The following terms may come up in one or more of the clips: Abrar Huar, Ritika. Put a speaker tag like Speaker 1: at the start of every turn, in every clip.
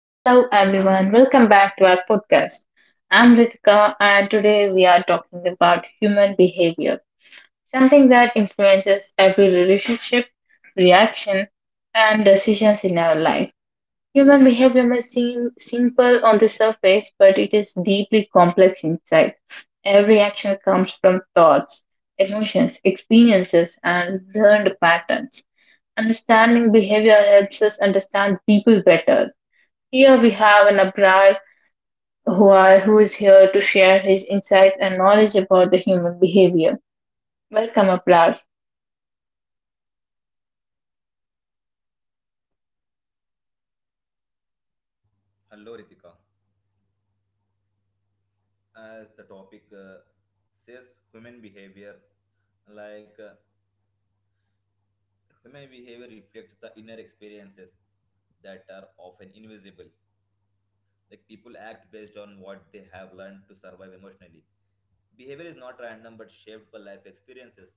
Speaker 1: Hello everyone, welcome back to our podcast. I'm Ritika and today we are talking about human behavior, something that influences every relationship, reaction, and decisions in our life. Human behavior may seem simple on the surface, but it is deeply complex inside. Every action comes from thoughts, emotions, experiences, and learned patterns. Understanding behavior helps us understand people better. Here we have an Abrar Huar who is here to share his insights and knowledge about the human behavior. Welcome, Abrar.
Speaker 2: Hello, Ritika. As the topic says, human behavior, like uh, human behavior reflects the inner experiences that are often invisible. Like people act based on what they have learned to survive emotionally. Behavior is not random but shaped by life experiences.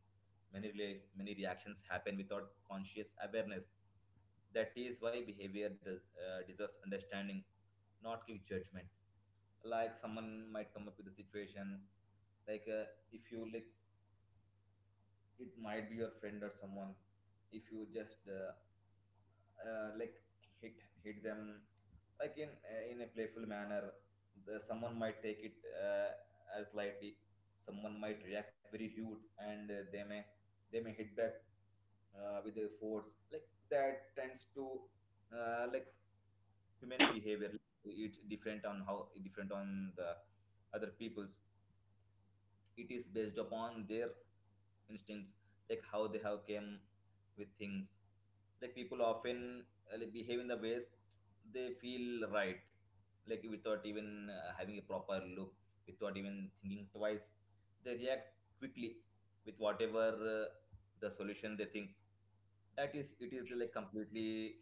Speaker 2: Many reactions happen without conscious awareness. That is why behavior deserves understanding, not quick judgment. Like someone might come up with a situation, like uh, if you like, it might be your friend or someone. If you just uh, like hit hit them, like in a playful manner. Someone might take it as lightly, someone might react very rude, and they may hit back with their force, like that tends to uh, like human behavior, it's different on how different on the other people's, it is based upon their instincts, like how they have came with things. Like people often like behave in the ways they feel right, like without even having a proper look, without even thinking twice, they react quickly with whatever the solution they think, that is it is like completely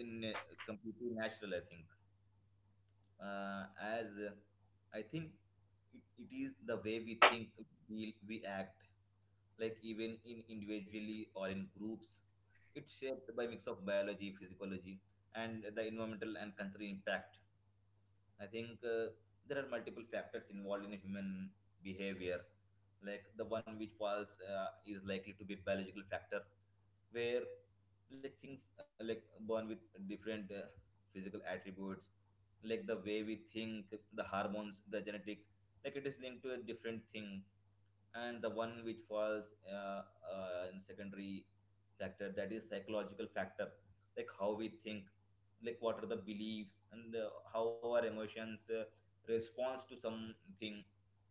Speaker 2: in completely natural, I think. As I think it is the way we think, we act, like even in individually or in groups. It's shaped by mix of biology, physiology, and the environmental and cultural impact. I think there are multiple factors involved in human behavior. Like the one which falls is likely to be biological factor, where like things like born with different physical attributes, like the way we think, the hormones, the genetics, like it is linked to a different thing. And the one which falls in secondary factor, that is psychological factor, like how we think, like what are the beliefs and how our emotions responds to something,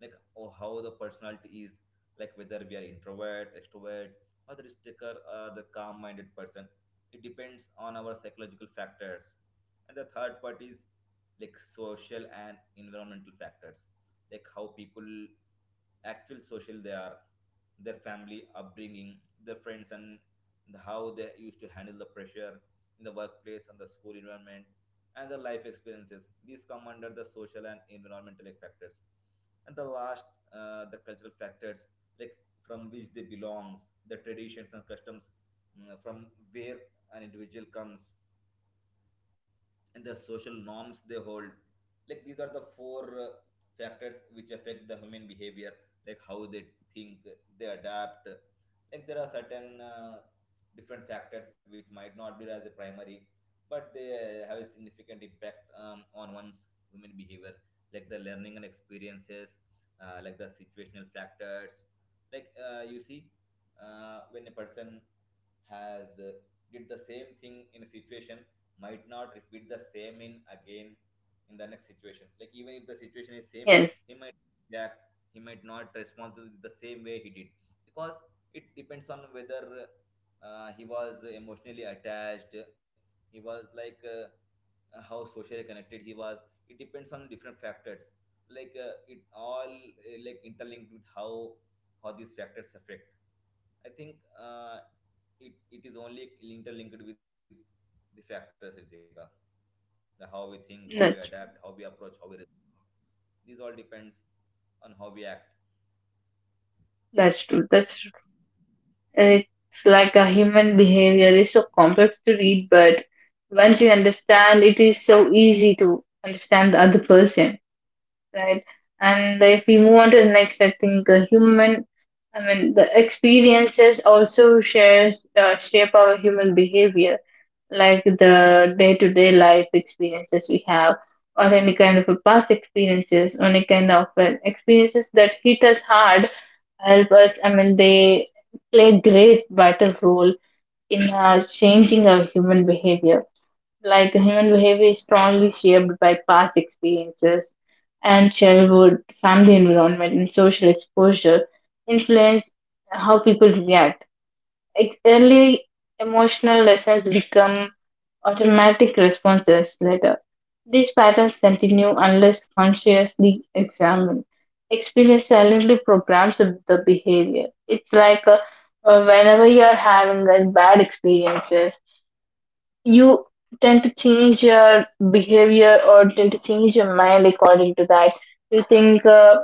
Speaker 2: like or how the personality is, like whether we are introvert extrovert or the risk taker or the calm minded person, it depends on our psychological factors. And the third part is like social and environmental factors, like how people actual social they are, their family upbringing, their friends, and the, how they used to handle the pressure in the workplace and the school environment, and their life experiences, these come under the social and environmental factors. And the last, the cultural factors, like from which they belongs, the traditions and customs, from where an individual comes, and the social norms they hold. Like these are the four uh, factors which affect the human behavior, like how they think, they adapt. Like there are certain different factors which might not be as the primary, but they have a significant impact on one's human behavior, like the learning and experiences, like the situational factors. Like you see, when a person has did the same thing in a situation, might not repeat the same in again in the next situation, like even if the situation is same,
Speaker 1: Yes,
Speaker 2: he might react, he might not respond to the same way he did, because it depends on whether he was emotionally attached, he was like how socially connected he was. It depends on different factors, like it all like interlinked with how these factors affect. I think it it is only interlinked with the factors, Ritika. The how we think, how we adapt, how we approach,
Speaker 1: that's
Speaker 2: how we
Speaker 1: true.
Speaker 2: respond. These all depends on how we act.
Speaker 1: That's true. That's true. It's like a human behavior is so complex to read, but once you understand, it is so easy to understand the other person, right? And if we move on to the next, I think the human, I mean, the experiences also shares shape our human behavior, like the day-to-day life experiences we have or any kind of a past experiences or any kind of experiences that hit us hard help us, I mean, they play great vital role in changing our human behavior, like human behavior is strongly shaped by past experiences and childhood family environment and social exposure influence how people react. Early emotional lessons become automatic responses later. These patterns continue unless consciously examined. Experience silently programs the behavior. It's like whenever you're having bad experiences, you tend to change your behavior or tend to change your mind according to that. You think uh,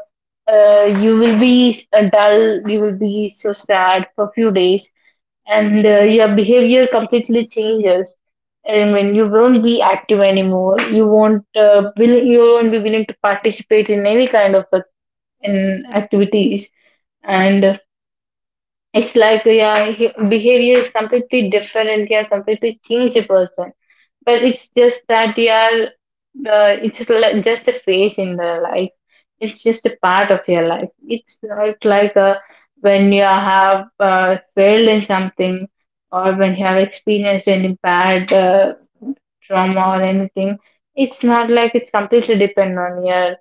Speaker 1: uh, you will be dull, you will be so sad for a few days, and your behavior completely changes. I mean, you won't be active anymore. You won't be willing to participate in any kind of in activities, and it's like your behavior is completely different. Yeah, completely change a person, but it's just that yeah, just a phase in the life. It's just a part of your life. It's not like when you have failed in something, or when you have experienced any bad trauma or anything. It's not like it's completely dependent on you.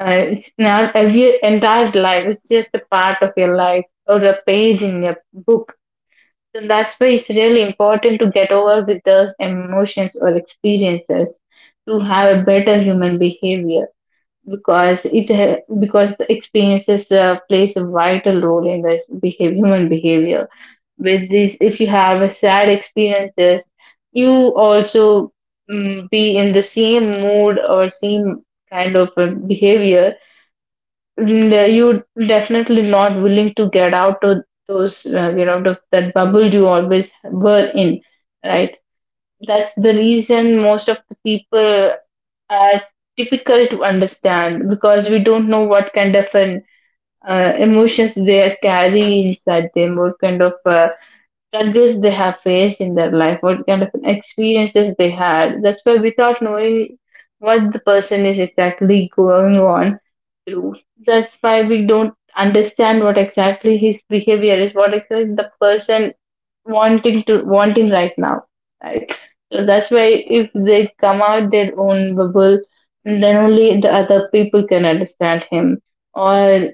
Speaker 1: It's not every entire life. It's just a part of your life or a page in your book. So that's why it's really important to get over with those emotions or experiences to have a better human behavior, because because the experiences plays a vital role in this behavior, human behavior. With this, if you have a sad experiences, you also be in the same mood or same kind of behavior. You definitely not willing to get out of those that bubble you always were in, right? That's the reason most of the people are difficult to understand, because we don't know what kind of an emotions they are carrying inside them, what kind of struggles they have faced in their life, what kind of experiences they had. That's why, without knowing what the person is exactly going on through, that's why we don't understand what exactly his behavior is, what exactly the person wanting right now, right? So that's why if they come out their own bubble, then only the other people can understand him, or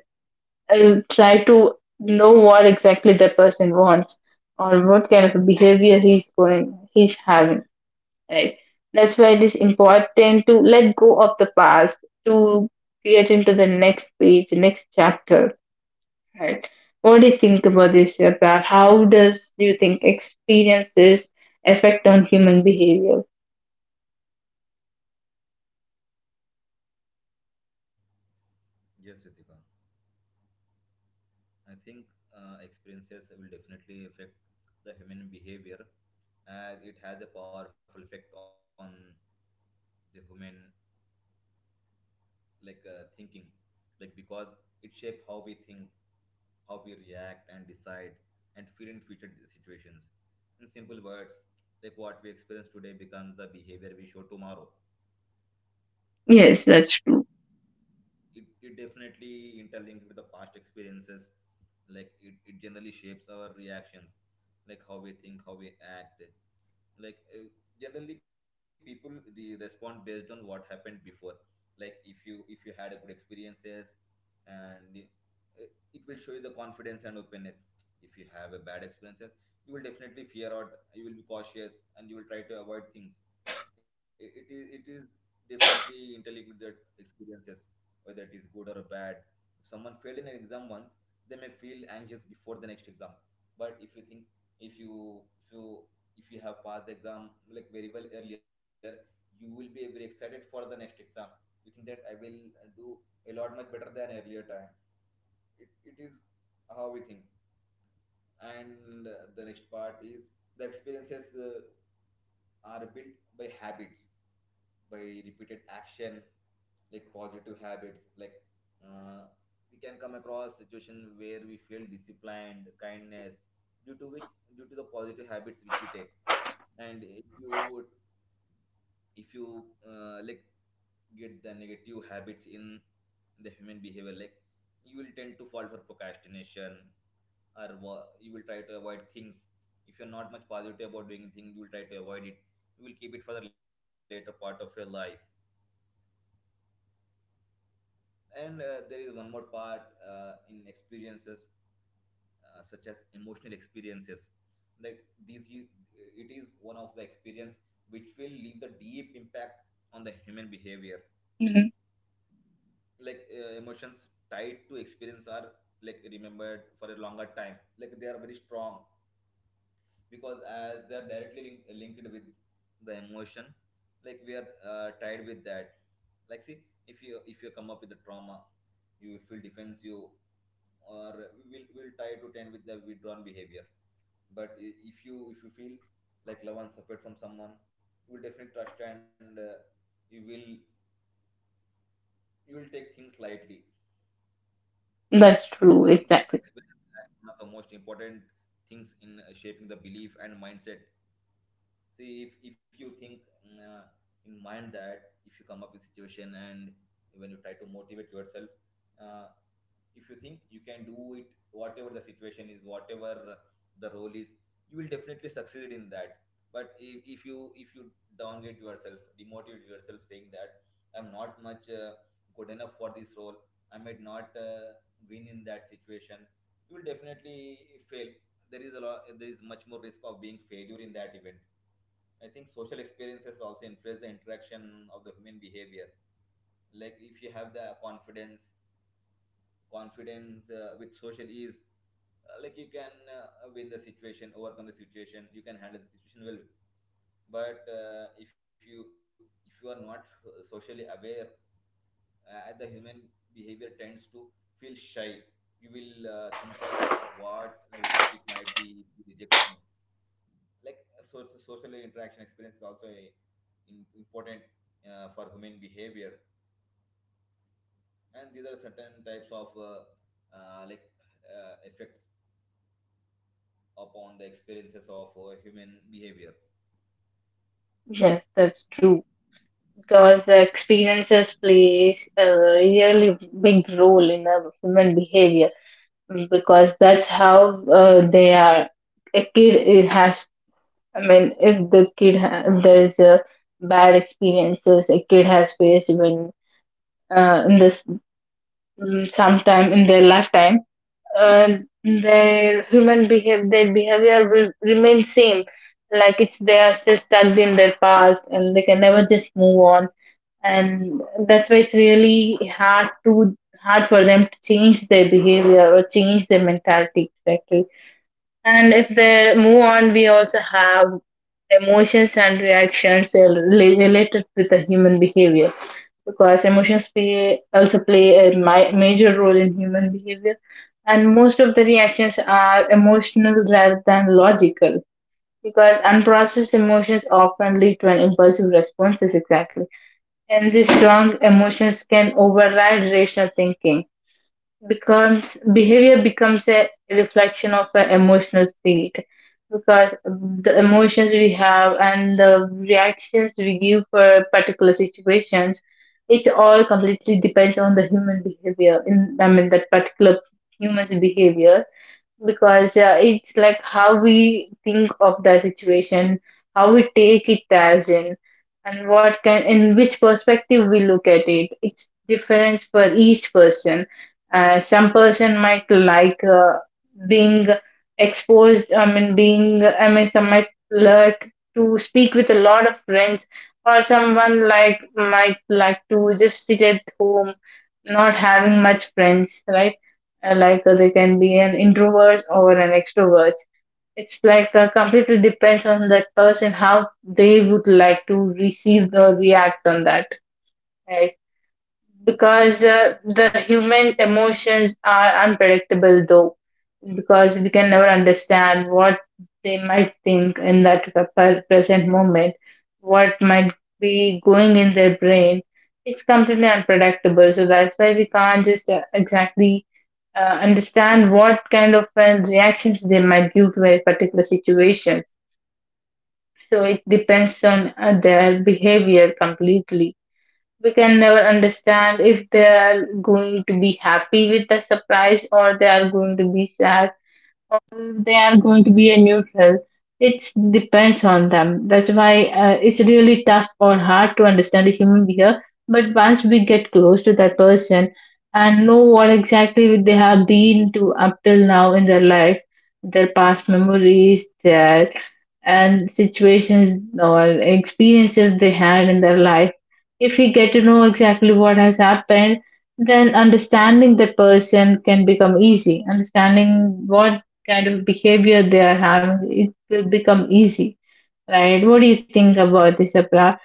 Speaker 1: I'll try to know what exactly the person wants or what kind of a behavior he's having, right? That's why it is important to let go of the past, to get into the next page, next chapter, right? What do you think about this, Yatra? How does do you think experiences affect on human behavior?
Speaker 2: Yes, Ritika. I think experiences will definitely affect the human behavior, as it has a powerful effect on the human, thinking, like because it shapes how we think, how we react and decide and feel in future situations. In simple words, like what we experience today becomes the behavior we show tomorrow.
Speaker 1: Yes, that's true.
Speaker 2: It definitely interlinked with the past experiences. Like it generally shapes our reactions, like how we think, how we act, like uh, generally people respond based on what happened before. Like if you had a good experiences and uh, it will show you the confidence and openness. If you have a bad experience, you will definitely fear out, you will be cautious and you will try to avoid things. It is definitely interlinked with the experiences, whether it is good or bad. If someone failed in an exam once, they may feel anxious before the next exam. But if you think, if you if you if you have passed the exam like very well earlier, you will be very excited for the next exam. You think that I will do a lot much better than earlier time. It is how we think. And the next part is, the experiences are built by habits, by repeated action. Like positive habits, uh, we can come across situation where we feel disciplined kindness, due to which due to the positive habits which we take. And if you like get the negative habits in the human behavior, like you will tend to fall for procrastination, or you will try to avoid things. If you're not much positive about doing things, you will try to avoid it, you will keep it for the later part of your life. And there is one more part in experiences, such as emotional experiences, that these it is one of the experience which will leave the deep impact on the human behavior.
Speaker 1: Mhm.
Speaker 2: Like emotions tied to experience are like remembered for a longer time, like they are very strong, because as they are directly linked with the emotion, like we are tied with that. Like see, if you come up with a trauma, you will feel defensive, or we will try to tend with the withdrawn behavior. But if you feel like love and suffered from someone, you will definitely trust and you will you will take things lightly.
Speaker 1: That's
Speaker 2: I
Speaker 1: true,
Speaker 2: think
Speaker 1: exactly.
Speaker 2: experience is one of the most important things in shaping the belief and mindset. See, if you think in mind that if you come up with situation, and when you try to motivate yourself, uh, if you think you can do it, whatever the situation is, whatever the role is, you will definitely succeed in that. But if you downgrade yourself, demotivate yourself saying that I'm not much good enough for this role, I might not win in that situation, you will definitely fail. There is much more risk of being failure in that event. I think social experiences also influence the interaction of the human behavior. Like if you have the confidence with social ease, like you can win the situation, overcome the situation, you can handle the situation well. But if you are not socially aware, the human behavior tends to feel shy, you will think of what it might be if you reject me. Like so social interaction experience is also a, important for human behavior. And these are certain types of uh, like effects upon the experiences of human behavior.
Speaker 1: Yes, that's true because the experiences plays a really big role in a human behavior, because that's how they are a kid it has, I mean, if there is a bad experiences a kid has faced when in this sometime in their lifetime, uh, their behavior will remain same, like it's they are still stuck in their past and they can never just move on. And that's why it's really hard for them to change their behavior or change their mentality, exactly. And if they move on, we also have emotions and reactions are related with the human behavior, because emotions play also play a major role in human behavior, and most of the reactions are emotional rather than logical, because unprocessed emotions often lead to an impulsive responses, exactly. And these strong emotions can override rational thinking. Becomes behavior becomes a reflection of an emotional state, because the emotions we have and the reactions we give for particular situations, it all completely depends on the human behavior, in I mean that particular human's behavior. Because it's like how we think of the situation, how we take it as in, and what kind, in which perspective we look at it. It's different for each person. Some person might like being exposed. I mean, being. I mean, some might like to speak with a lot of friends, or someone like might like to just sit at home, not having much friends, right? Like, they can be an introvert or an extrovert. It's like completely depends on that person how they would like to receive or react on that, right? Because the human emotions are unpredictable though, because we can never understand what they might think in that present moment, what might be going in their brain. It's completely unpredictable, so that's why we can't just exactly understand what kind of reactions they might give to a particular situation. So it depends on their behavior completely. We can never understand if they are going to be happy with the surprise or they are going to be sad. They are going to be a neutral. It depends on them. That's why it's really tough or hard to understand a human behavior. But once we get close to that person and know what exactly they have been to up till now in their life, their past memories, their and situations or experiences they had in their life, if we get to know exactly what has happened, then understanding the person can become easy. Understanding what kind of behavior they are having, it will become easy, right? What do you think about this, Apra?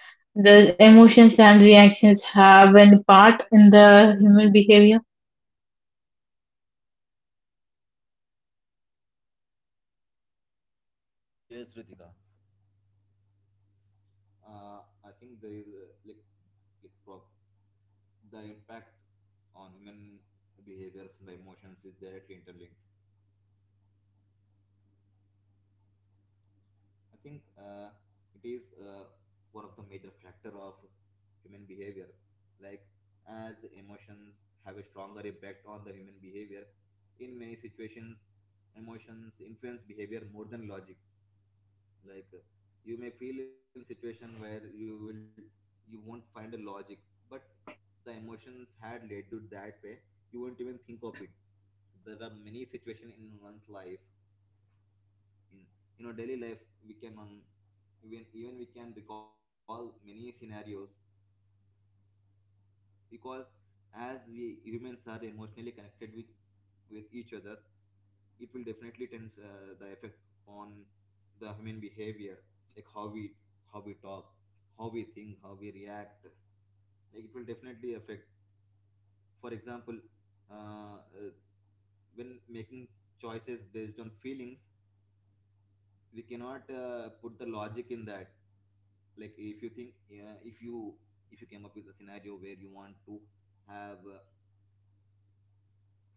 Speaker 1: Does emotions and reactions have any part in the human behavior?
Speaker 2: Yes, Ritika. I think there is like prob- the impact on human behavior from the emotions is directly interlinked. I think it is one of the major factor of human behavior. Like as emotions have a stronger impact on the human behavior, in many situations, emotions influence behavior more than logic. like uh, you may feel in situation where you won't find a logic, but the emotions had led you that way. You won't even think of it. There are many situations in one's life in daily life. We can even we can recall many scenarios, because as we humans are emotionally connected with each other, it will definitely tends the effect on the human behavior, like how we talk, how we think, how we react. Like, it will definitely affect. For example, uh, uh, when making choices based on feelings, we cannot put the logic in that. Like if you if you came up with a scenario where you want to have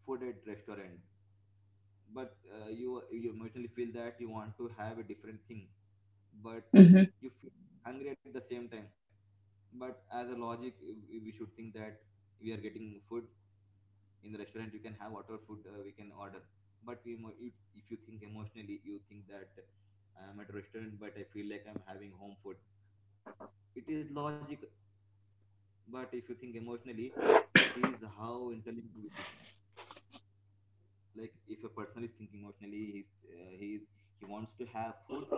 Speaker 2: food at restaurant, but you emotionally feel that you want to have a different thing, but
Speaker 1: Hmm.
Speaker 2: you feel hungry at the same time. But as a logic we should think that we are getting food in the restaurant. You can have whatever food we can order. But if you think emotionally, you think that I'm at a restaurant but I feel like I'm having home food. It is logic. But if you think emotionally, it is how intelligent with it. Like if a person is thinking emotionally, he's he wants to have food,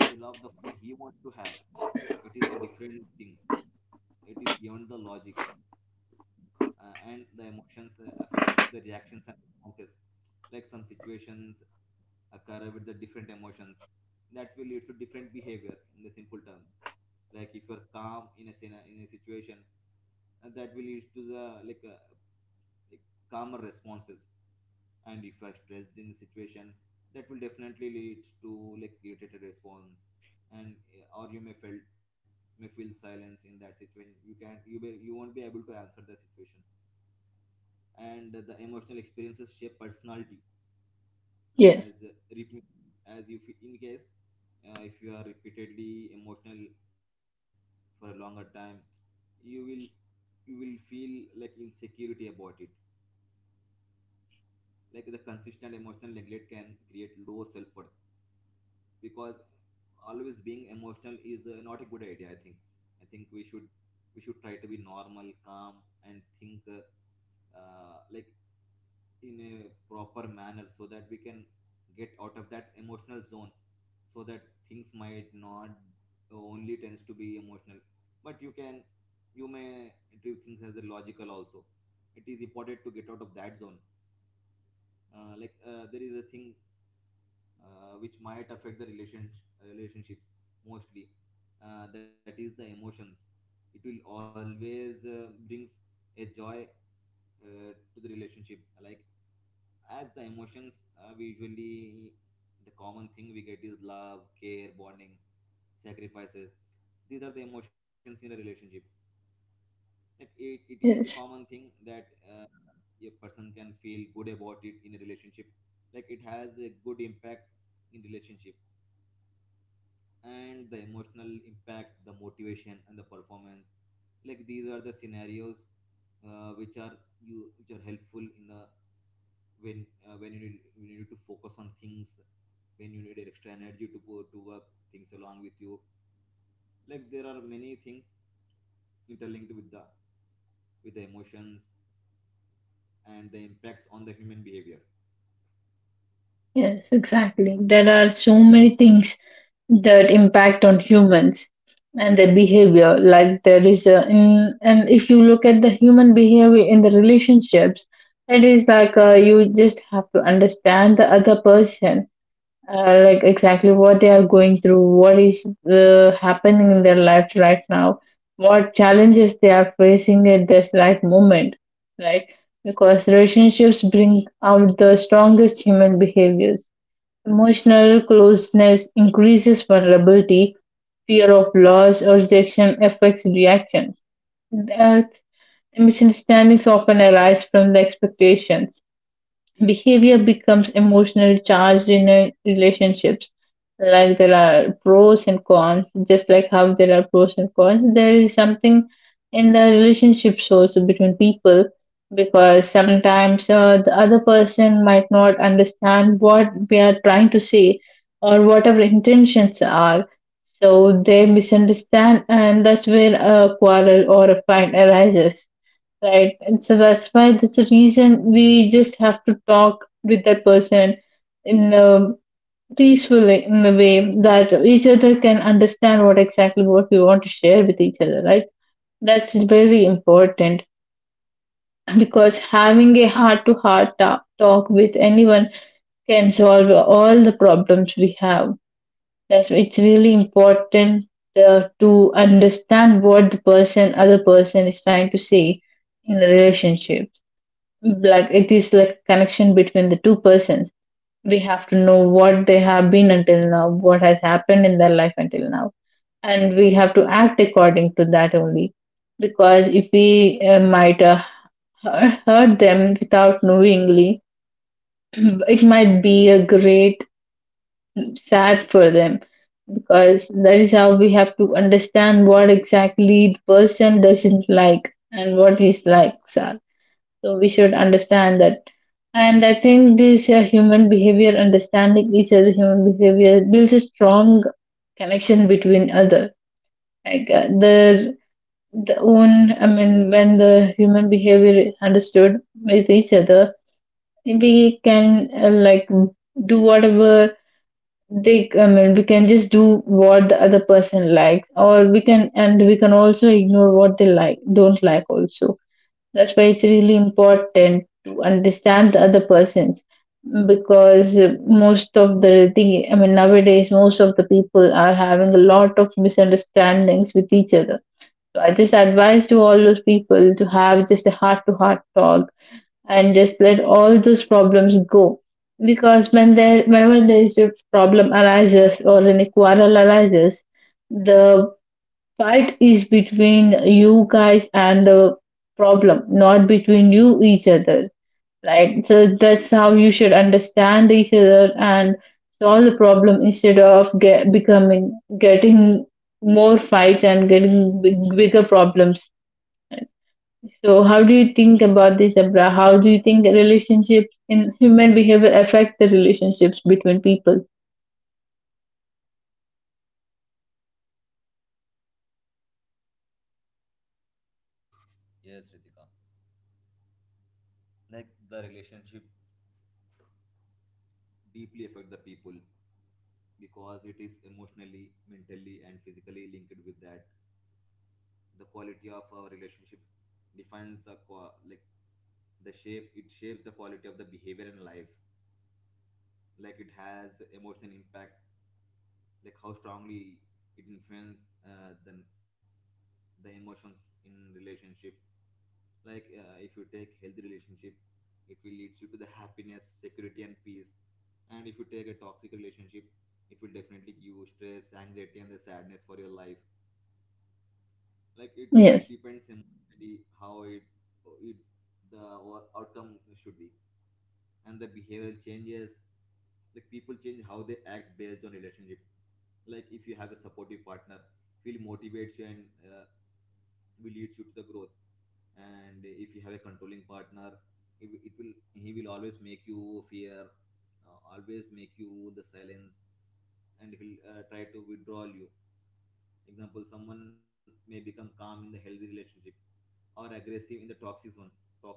Speaker 2: as well of the food he wants to have. It is the different thing. It is beyond the logic. And the emotions affect the reactions and responses. Like some situations occur with the different emotions, that will lead to different behavior in the simple terms. Like if you're calm in in a situation, and that will lead to the like calmer responses. And if you're stressed in the situation, that will definitely lead to like irritated response. And or you may felt may feel silence in that situation. You can you won't be able to answer the situation. And the emotional experiences shape personality
Speaker 1: Yes,
Speaker 2: as repeat as you feel in case, if you are repeatedly emotional for a longer time, you will you will feel like insecurity about it. Like the consistent emotional neglect can create low self-worth, because always being emotional is not a good idea, I think. I think we should try to be normal calm and think uh, like in a proper manner, so that we can get out of that emotional zone, so that things might not only tends to be emotional, but you may treat things as a logical also. It is important to get out of that zone. There is a thing which might affect the relationships mostly, that is the emotions. It will always brings a joy to the relationship. Like as the emotions, we usually the common thing we get is love, care, bonding, sacrifices. These are the emotions in a relationship. Like it is the common
Speaker 1: yes,
Speaker 2: thing that a person can feel good about it in a relationship. Like it has a good impact in relationship. And the emotional impact the motivation and the performance, like these are the scenarios, which are you which are helpful in the when you need, you need to focus on things, when you need extra energy to put to work things along with you. Like there are many things interlinked with the emotions and the impacts on the human behavior.
Speaker 1: yes, exactly. There are so many things that impact on humans and their behavior. Like there is and if you look at the human behavior in the relationships, it is like you just have to understand the other person, like exactly what they are going through, what is happening in their life right now, what challenges they are facing at this right moment, right? Because relationships bring out the strongest human behaviors. Emotional closeness increases vulnerability, fear of loss or rejection affects reactions. That misunderstandings often arise from the expectations. Behavior becomes emotional charged in a relationships. Like there are pros and cons, just like how there are pros and cons, there is something in the relationships also between people, because sometimes the other person might not understand what we are trying to say or what our intentions are. So they misunderstand, and that's where a quarrel or a fight arises. Right. And so that's why, that's the reason we just have to talk with that person in a in a way that each other can understand what exactly what we want to share with each other, right? That's very important, because having a heart to heart talk with anyone can solve all the problems we have. That's why it's really important to understand what other person is trying to say in the relationship. Like it is like connection between the two persons. We have to know what they have been until now, what has happened in their life until now, and we have to act according to that only, because if we might hurt them without knowingly it might be a great sad for them, because that is how we have to understand what exactly the person doesn't like and what his likes are, so we should understand that. And I think this human behavior, understanding each other human behavior, builds a strong connection between other. Like, the own, I mean, when the human behavior is understood with each other, we can like do whatever they. I mean, we can just do what the other person likes, or we can, and we can also ignore what they like, don't like also. That's why it's really important to understand the other persons, because most of the thing, I mean, nowadays, most of the people are having a lot of misunderstandings with each other. So I just advise to all those people to have just a heart to heart talk and just let all those problems go. Whenever there is a problem arises or any quarrel arises, the fight is between you guys and the problem, not between you each other. Right? So that's how you should understand each other and solve the problem instead of getting more fights and getting bigger problems. So how do you think about this, Abra? How do you think relationships in human behavior affect the relationships between people?
Speaker 2: Yes, Ritika, like the relationship deeply affect the people, because it is emotionally, mentally and physically linked with that. The quality of our relationship defines the qua like the shape, it shapes the quality of the behavior in life. Like it has emotional impact, like how strongly it influences uh, the the emotions in relationship. Like if you take healthy relationship, it will lead you to the happiness, security, and peace. And if you take a toxic relationship, it will definitely give you stress, anxiety, and the sadness for your life. Like it
Speaker 1: Yes.
Speaker 2: depends emotionally how it it the outcome should be. And the behavioral changes, like people change how they act based on relationship. Like if you have a supportive partner, he will motivates you and will lead you to the growth. And if you have a controlling partner, it will he will always make you fear, always make you the silence, and he'll try to withdraw you. Example, someone may become calm in the healthy relationship or aggressive in the toxic one.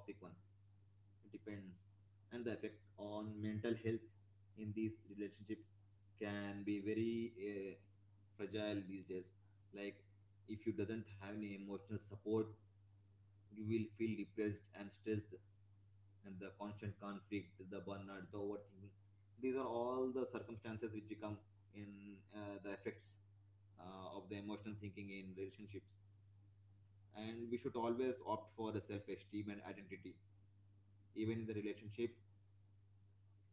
Speaker 2: It depends. And the effect on mental health in these relationship can be very fragile these days. Like if you doesn't have any emotional support, you will feel depressed and stressed. And the constant conflict, the burnout, the overthinking, these are all the circumstances which become in the effects of the emotional thinking in relationships. And we should always opt for a self-esteem and identity, even in the relationship.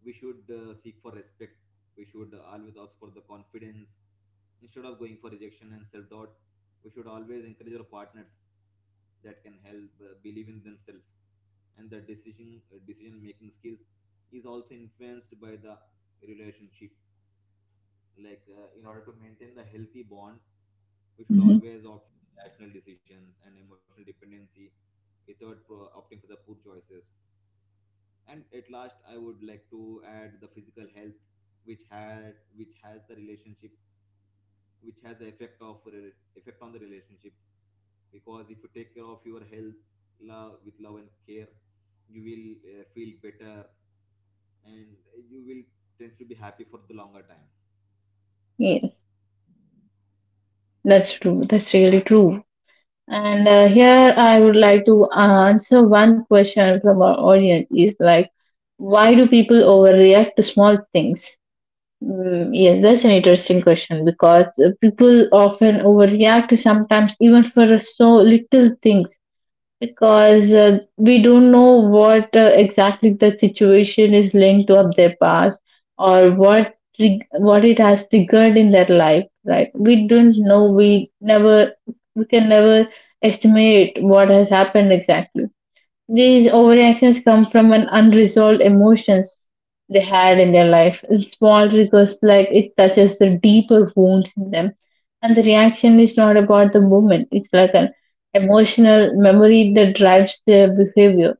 Speaker 2: We should seek for respect, we should always ask for the confidence instead of going for rejection and self-doubt. We should always encourage our partners, that can help believe in themselves. And the decision decision making skills is also influenced by the relationship. Like in order to maintain the healthy bond, we should
Speaker 1: hmm
Speaker 2: always opt for the rational decisions and emotional dependency, without pro- opting for the poor choices. And at last, I would like to add the physical health, which had which has the relationship which has the effect of re- effect on the relationship, because if you take care of your health, with love and care, you will feel better, and you will tends to be happy for the longer time.
Speaker 1: Yes. That's true. That's really true. And here I would like to answer one question from our audience is like, why do people overreact to small things? Yes, that's an interesting question, because people often overreact sometimes even for so little things, because we don't know what exactly the situation is linked to of their past, or what it has triggered in their life. Right? We don't know, we never, we can never estimate what has happened exactly. These overreactions come from an unresolved emotions they had in their life. It's small triggers, like it touches the deeper wounds in them. And the reaction is not about the moment. It's like an emotional memory that drives their behavior.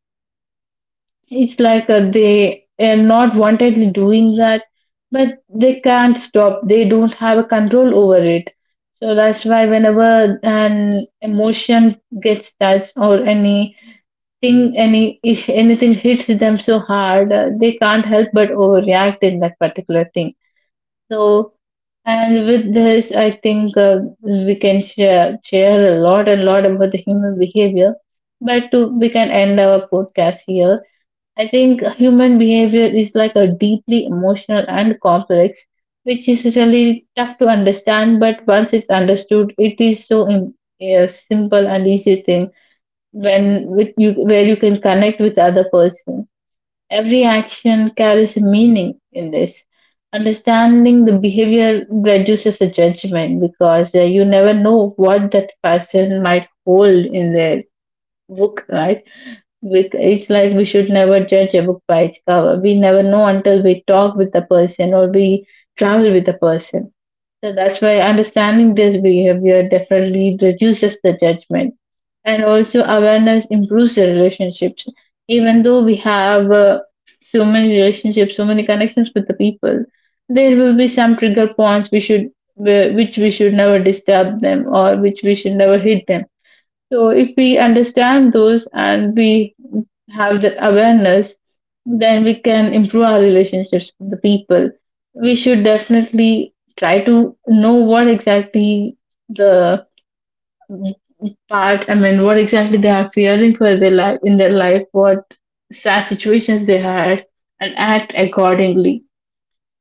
Speaker 1: It's like they are not wantedly doing that, but they can't stop. They don't have a control over it. So that's why whenever an emotion gets touched, or any thing, any, if anything hits them so hard, they can't help but overreact in that particular thing. So, and with this I think, we can share a lot and lot about the human behavior, but to we can end our podcast here. I think human behavior is like a deeply emotional and complex, which is really tough to understand, but once it's understood it is a simple and easy thing, when with you where you can connect with other person. Every action carries a meaning in this. Understanding the behavior reduces the judgment, because you never know what that person might hold in their book. Right? It's like we should never judge a book by its cover. We never know until we talk with the person or we travel with the person. So that's why understanding this behavior definitely reduces the judgment. And also awareness improves the relationships. Even though we have so many relationships, so many connections with the people, there will be some trigger points we should, which we should never disturb them, or which we should never hit them. So if we understand those and we have that awareness, then we can improve our relationships with the people. We should definitely try to know what exactly the part, I mean, what exactly they are fearing for their life, in their life, what sad situations they had, and act accordingly.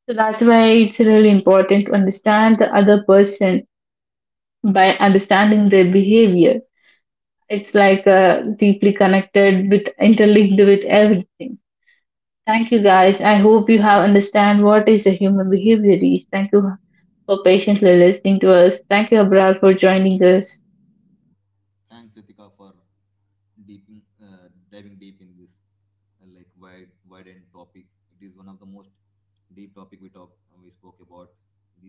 Speaker 1: So that's why it's really important to understand the other person by understanding their behavior. It's like deeply connected with, interlinked with everything. Thank you guys, I hope you have understand what is a human behavior is. Thank you for patiently listening to us. Thank you Abrar for joining us.
Speaker 2: Thanks Ritika for diving deep in this, wide end topic. It is one of the most deep topic we spoke about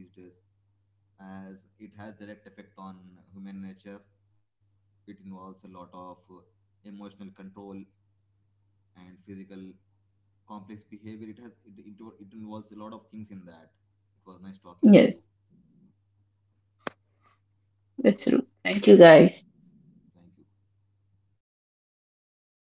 Speaker 2: these days, as it has direct effect on human nature. It involves a lot of emotional control and physical complex behavior. It has it involves a lot of things in that. It was nice talking with
Speaker 1: Yes,
Speaker 2: you.
Speaker 1: that's true. Thank you guys.
Speaker 2: Thank you.